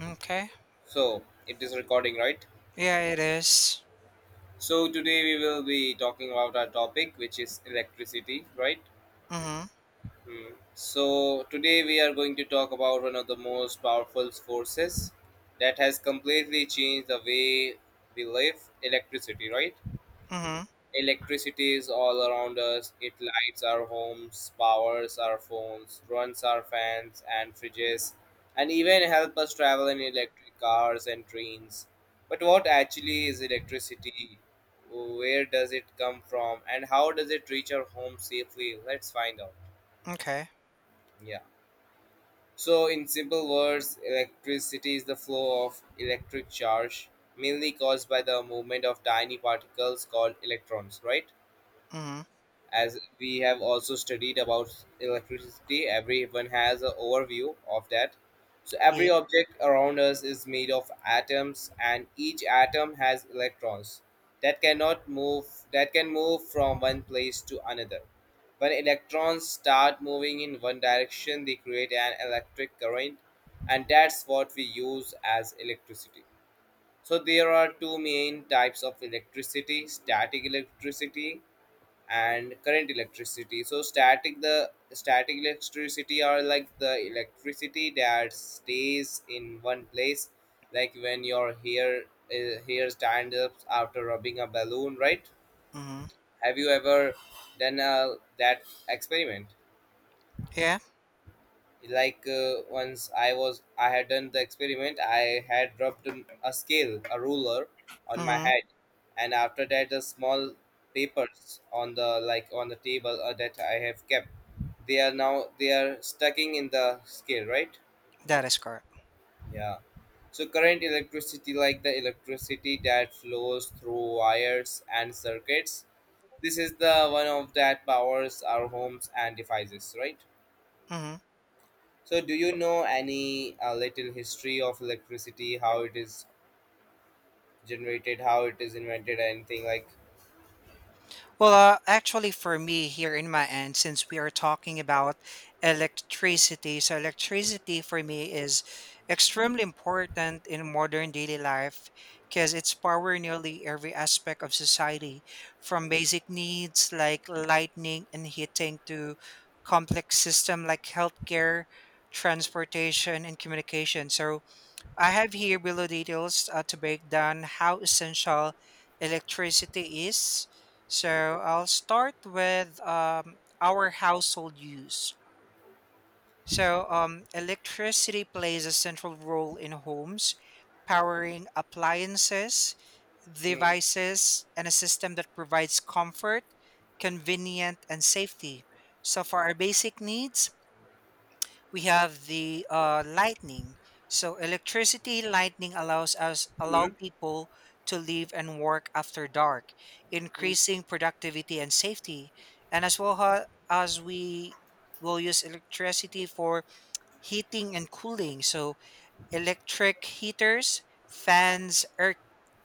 Okay. So it is recording, right? Yeah, it is. So today we will be talking about our topic, which is electricity, right? Mhm. Hmm. So today we are going to talk about one of the most powerful forces that has completely changed the way we live, electricity, right? Mhm. Electricity is all around us. It lights our homes, powers our phones, runs our fans and fridges, and even help us travel in electric cars and trains. But what actually is electricity? Where does it come from and how does it reach our home safely? Let's find out. Okay. Yeah. So, in simple words, electricity is the flow of electric charge, mainly caused by the movement of tiny particles called electrons, right? Mhm. As we have also studied about electricity, everyone has an overview of that. So every Yeah. object around us is made of atoms and each atom has electrons that cannot move that can move from one place to another. When electrons start moving in one direction, they create an electric current, and that's what we use as electricity. So there are two main types of electricity: static electricity and current electricity. So static the static electricity are like the electricity that stays in one place, like when your hair hair stand up after rubbing a balloon, right? Mhm. Have you ever done that experiment? Yeah. Like once I had done the experiment, I had rubbed a scale, a ruler, on my Mhm. head, and after that the small papers on the, like on the table, that I have kept, they are stucking in the scale, right? That is correct. Yeah. So current electricity, like the electricity that flows through wires and circuits, this is the one of that powers our homes and devices, right? Mhm. So, do you know any little history of electricity, how it is generated, how it is invented, anything like? Well, actually, for me here in my end, since we are talking about electricity, so electricity for me is extremely important in modern daily life because it's power nearly every aspect of society, from basic needs like lighting and heating to complex system like healthcare, transportation, and communication. So I have here below details to break down how essential electricity is. So I'll start with our household use. So electricity plays a central role in homes, powering appliances, Hmm. devices, and a system that provides comfort, convenient, and safety. So for our basic needs, we have the lightning. So electricity lightning allow Hmm. people to live and work after dark, Hmm. increasing productivity and safety. And as well as we will use electricity for heating and cooling. So electric heaters, fans, air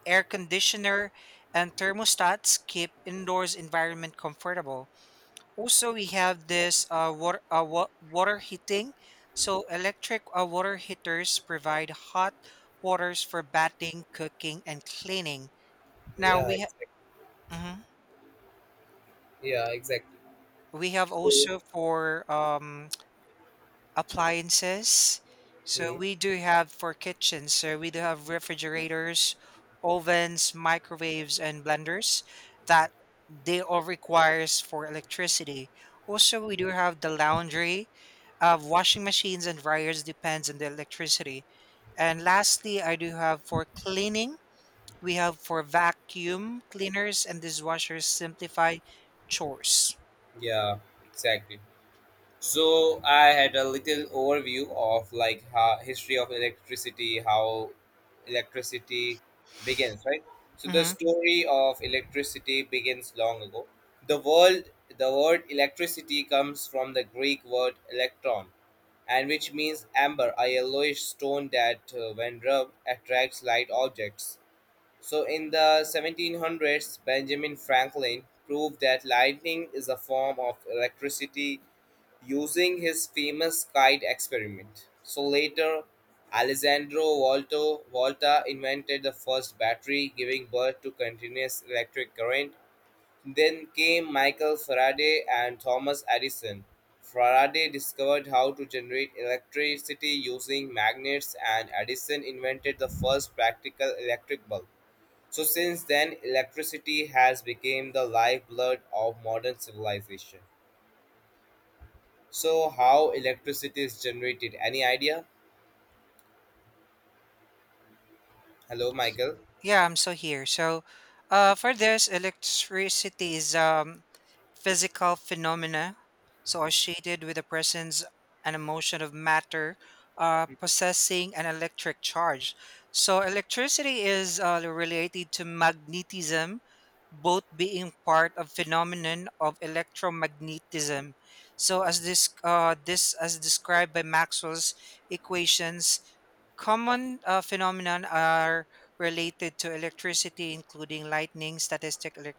air conditioner, and thermostats keep indoors environment comfortable. Also, we have this water, water heating. So, electric water heaters provide hot waters for bathing, cooking, and cleaning. Now Yeah, we ha- exactly. mhm. Yeah, exactly. We have So. also for appliances. So Hmm. we do have for kitchens, so we do have refrigerators, ovens, microwaves, and blenders that they all requires for electricity. Also, we do have the laundry, washing machines and dryers depends on the electricity. And lastly, I do have for cleaning, we have for vacuum cleaners and dishwashers simplify chores. Yeah, exactly. So I had a little overview of like how history of electricity, how electricity begins, right? So the Mhm. story of electricity begins long ago. The world, the word electricity comes from the Greek word electron, and which means amber, a yellowish stone that, when rubbed, attracts light objects. So, in the 1700s, Benjamin Franklin proved that lightning is a form of electricity using his famous kite experiment. So, later, Alessandro Volto, Volta invented the first battery, giving birth to continuous electric current. Then came Michael Faraday and Thomas Edison. Faraday discovered how to generate electricity using magnets, and Edison invented the first practical electric bulb. So since then, electricity has become the lifeblood of modern civilization. So how electricity is generated? Any idea? Hello, Michael. Yeah, I'm still here. So, for this, electricity is physical phenomena, so associated with the presence and emotion of matter, possessing an electric charge. So, electricity is related to magnetism, both being part of phenomenon of electromagnetism. So, as this as described by Maxwell's equations. Common phenomenon are related to electricity, including lightning, static elec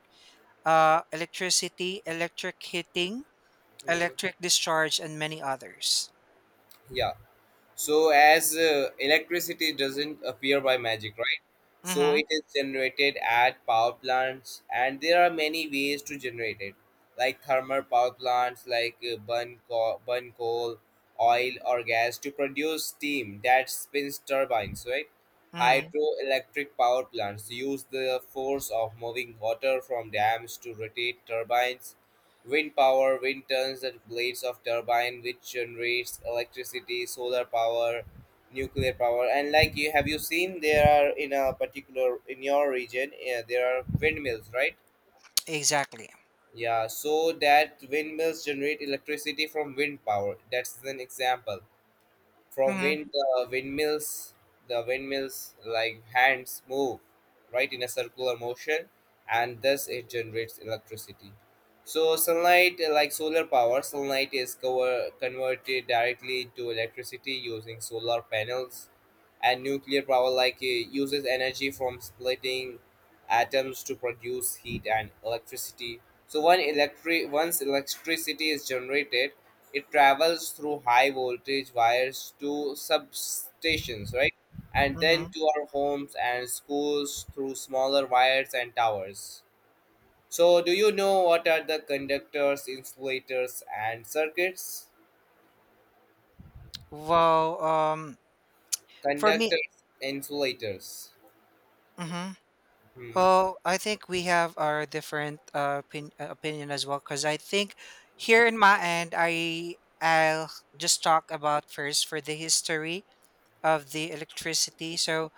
uh, electricity, electric heating, Hmm, electric discharge, and many others. yeah. So as electricity doesn't appear by magic, right? So Mm-hmm. it is generated at power plants, and there are many ways to generate it, like thermal power plants, like burn coal, oil or gas to produce steam that spins turbines, right? Hmm. Hydroelectric power plants use the force of moving water from dams to rotate turbines. Wind power: wind turns the blades of turbine which generates electricity, solar power, nuclear power. And like you seen there are in a particular in your region, yeah, there are windmills, right? Exactly. Yeah, so that windmills generate electricity from wind power. That's an example from Mm-hmm. when the windmills, the windmills, like hands move, right, in a circular motion, and thus it generates electricity. So sunlight, like solar power, sunlight is converted directly to electricity using solar panels, and nuclear power, like uses energy from splitting atoms to produce heat and electricity. So one electric once electricity is generated, it travels through high voltage wires to substations, right? And then Mm-hmm. to our homes and schools through smaller wires and towers. So, do you know what are the conductors, insulators, and circuits? Well, for me, Conductors, insulators. hmm Hmm. well, I think we have our different opinion as well, because I think here in my end, I'll just talk about first for the history of the electricity. So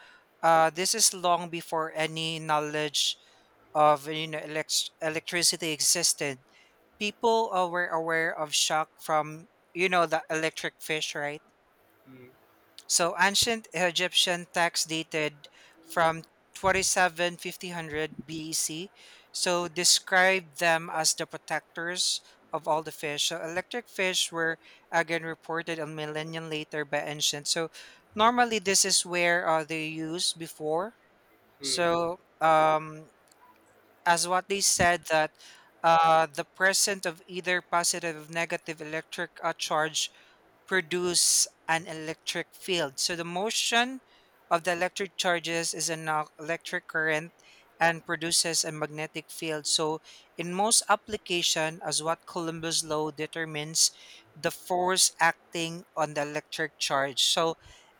this is long before any knowledge of electricity existed. People were aware of shock from the electric fish, right? Hmm. So ancient Egyptian text dated from twenty seven fifty hundred BC. So described them as the protectors of all the fish. So electric fish were again reported a millennium later by ancient. So normally this is where they used before. Hmm. So as what they said that the presence of either positive or negative electric charge produce an electric field. So the motion of the electric charges is an electric current and produces a magnetic field. So in most application as what Columbus law determines the force acting on the electric charge. So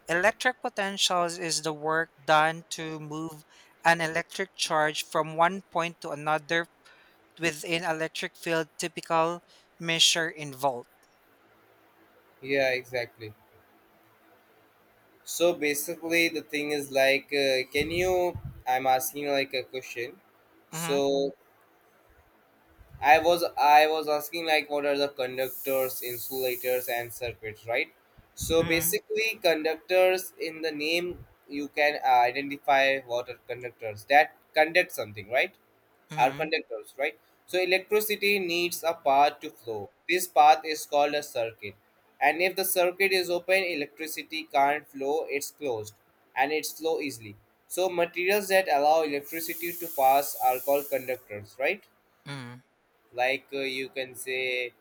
electric potentials is the work done to move an electric charge from one point to another within electric field typical measure in volt. Yeah, exactly. So basically, the thing is like, can you? I'm asking like a question. Mhm, So, I was asking like what are the conductors, insulators, and circuits, right? So mhm, basically, conductors, in the name you can identify what are conductors, that conduct something, right? Are mhm, conductors, right? So electricity needs a path to flow. This path is called a circuit, and if the circuit is open, electricity can't flow. It's closed, and it's flow easily. So materials that allow electricity to pass are called conductors, right? mhm. Like you can say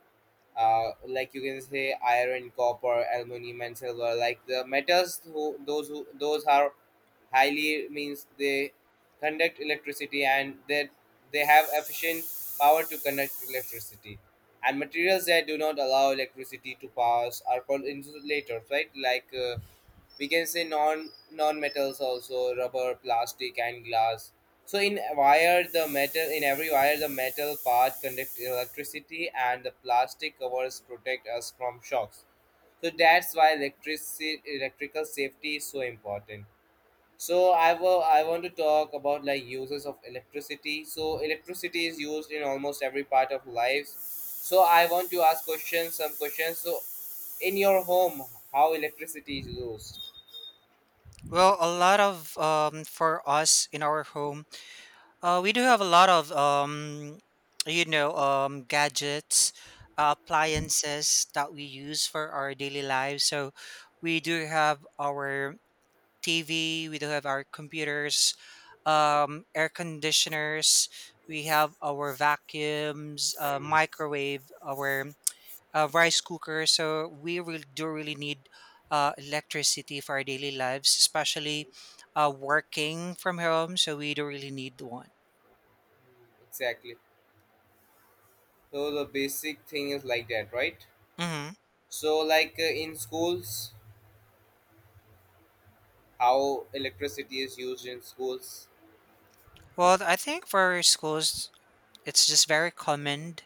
like you can say iron, copper, aluminum and silver, like the metals, those those are highly, means they conduct electricity, and that they have efficient power to conduct electricity. And materials that do not allow electricity to pass are called insulators, right? Like we can say non metals, also rubber, plastic and glass. So in every wire, the metal part conducts electricity and the plastic covers protect us from shocks. So that's why electricity electrical safety is so important. So I want to talk about like uses of electricity. So electricity is used in almost every part of life. So I want to ask questions, some questions. So in your home, how electricity is used? Well, a lot of for us in our home, we do have a lot of gadgets, appliances that we use for our daily lives. So we do have our TV, we do have our computers, air conditioners, we have our vacuums, Mm, microwave, our rice cooker. So we really do really need electricity for our daily lives, especially working from home. So we do really need one. exactly. So the basic thing is like that, right? Hmm. So like in schools, how electricity is used in schools? Well, I think for schools, it's just very common.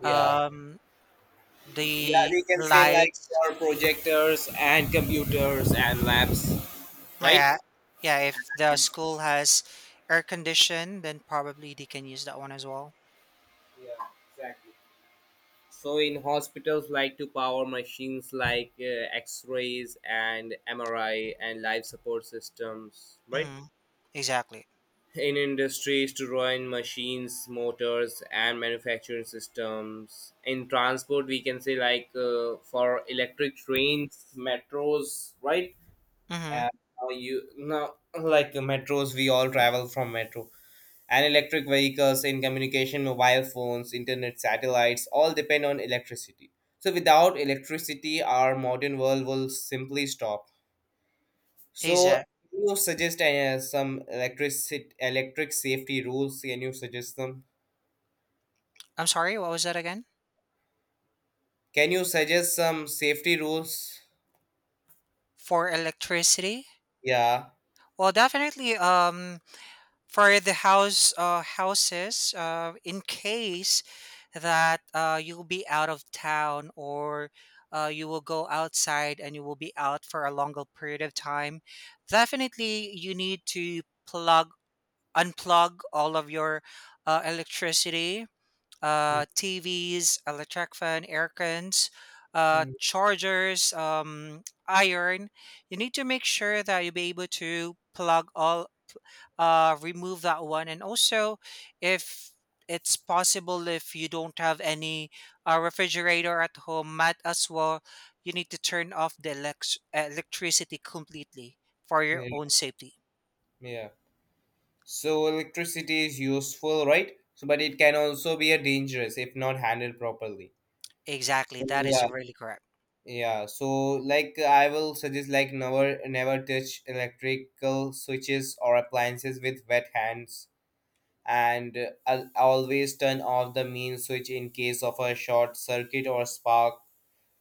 Yeah. Um, Yeah, the we can say like lights. for projectors and computers and labs, Oh, right? yeah, yeah. If the school has air condition, then probably they can use that one as well. Yeah, exactly. So in hospitals, like to power machines like X-rays and MRI and life support systems, right? Hmm. Exactly. In industries to run machines, motors and manufacturing systems. In transport we can say like for electric trains, metros, right? Mm-hmm. And now, like metros, we all travel from metro and electric vehicles. In communication, mobile phones, internet, satellites all depend on electricity. So without electricity our modern world will simply stop. So, Exact. can you suggest some electric electric safety rules? Can you suggest them? I'm sorry. What was that again? Can you suggest some safety rules? For electricity. Yeah. Well, definitely. For the house houses in case that you will be out of town or you will go outside and you will be out for a longer period of time, definitely you need to plug unplug all of your electricity TVs, electric fan, air cons, Mhm. chargers, iron. You need to make sure that you'll be able to plug all, remove that one. And also, if it's possible, if you don't have any refrigerator at home, might as well, you need to turn off the electricity completely for your Yeah. own safety. Yeah. So electricity is useful, right? So, but it can also be a dangerous if not handled properly. Exactly. So, That yeah. is really correct. Yeah. So, like I will suggest, like never touch electrical switches or appliances with wet hands, and always turn off the main switch in case of a short circuit or spark,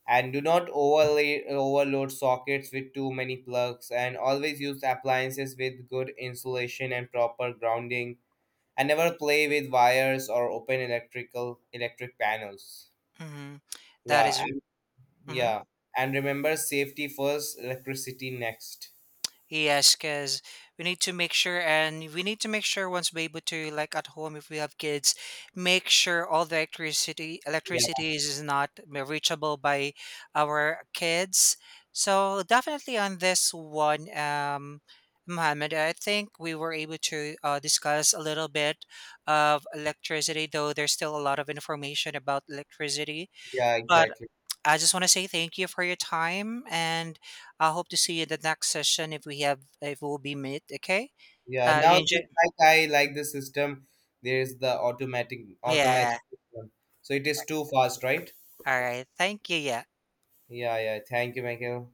and do not overlay overload sockets with too many plugs, and always use appliances with good insulation and proper grounding, and never play with wires or open electric panels. Mhm. That Yeah, is. and Mhm. yeah, and remember, safety first, electricity next. Yes, because we need to make sure, and we need to make sure once we able to, like at home, if we have kids, make sure all the electricity Yeah. electricity is not reachable by our kids. So definitely on this one, Mohammed, I think we were able to discuss a little bit of electricity, though there's still a lot of information about electricity. Yeah, But exactly. I just want to say thank you for your time, and I hope to see you in the next session if we'll be meet. Okay. Yeah, You now enjoy. this, like I like the system. There is the automatic Yeah. system. So it is too fast, right? All right. Thank you. Yeah. Yeah, yeah. Thank you, Michael.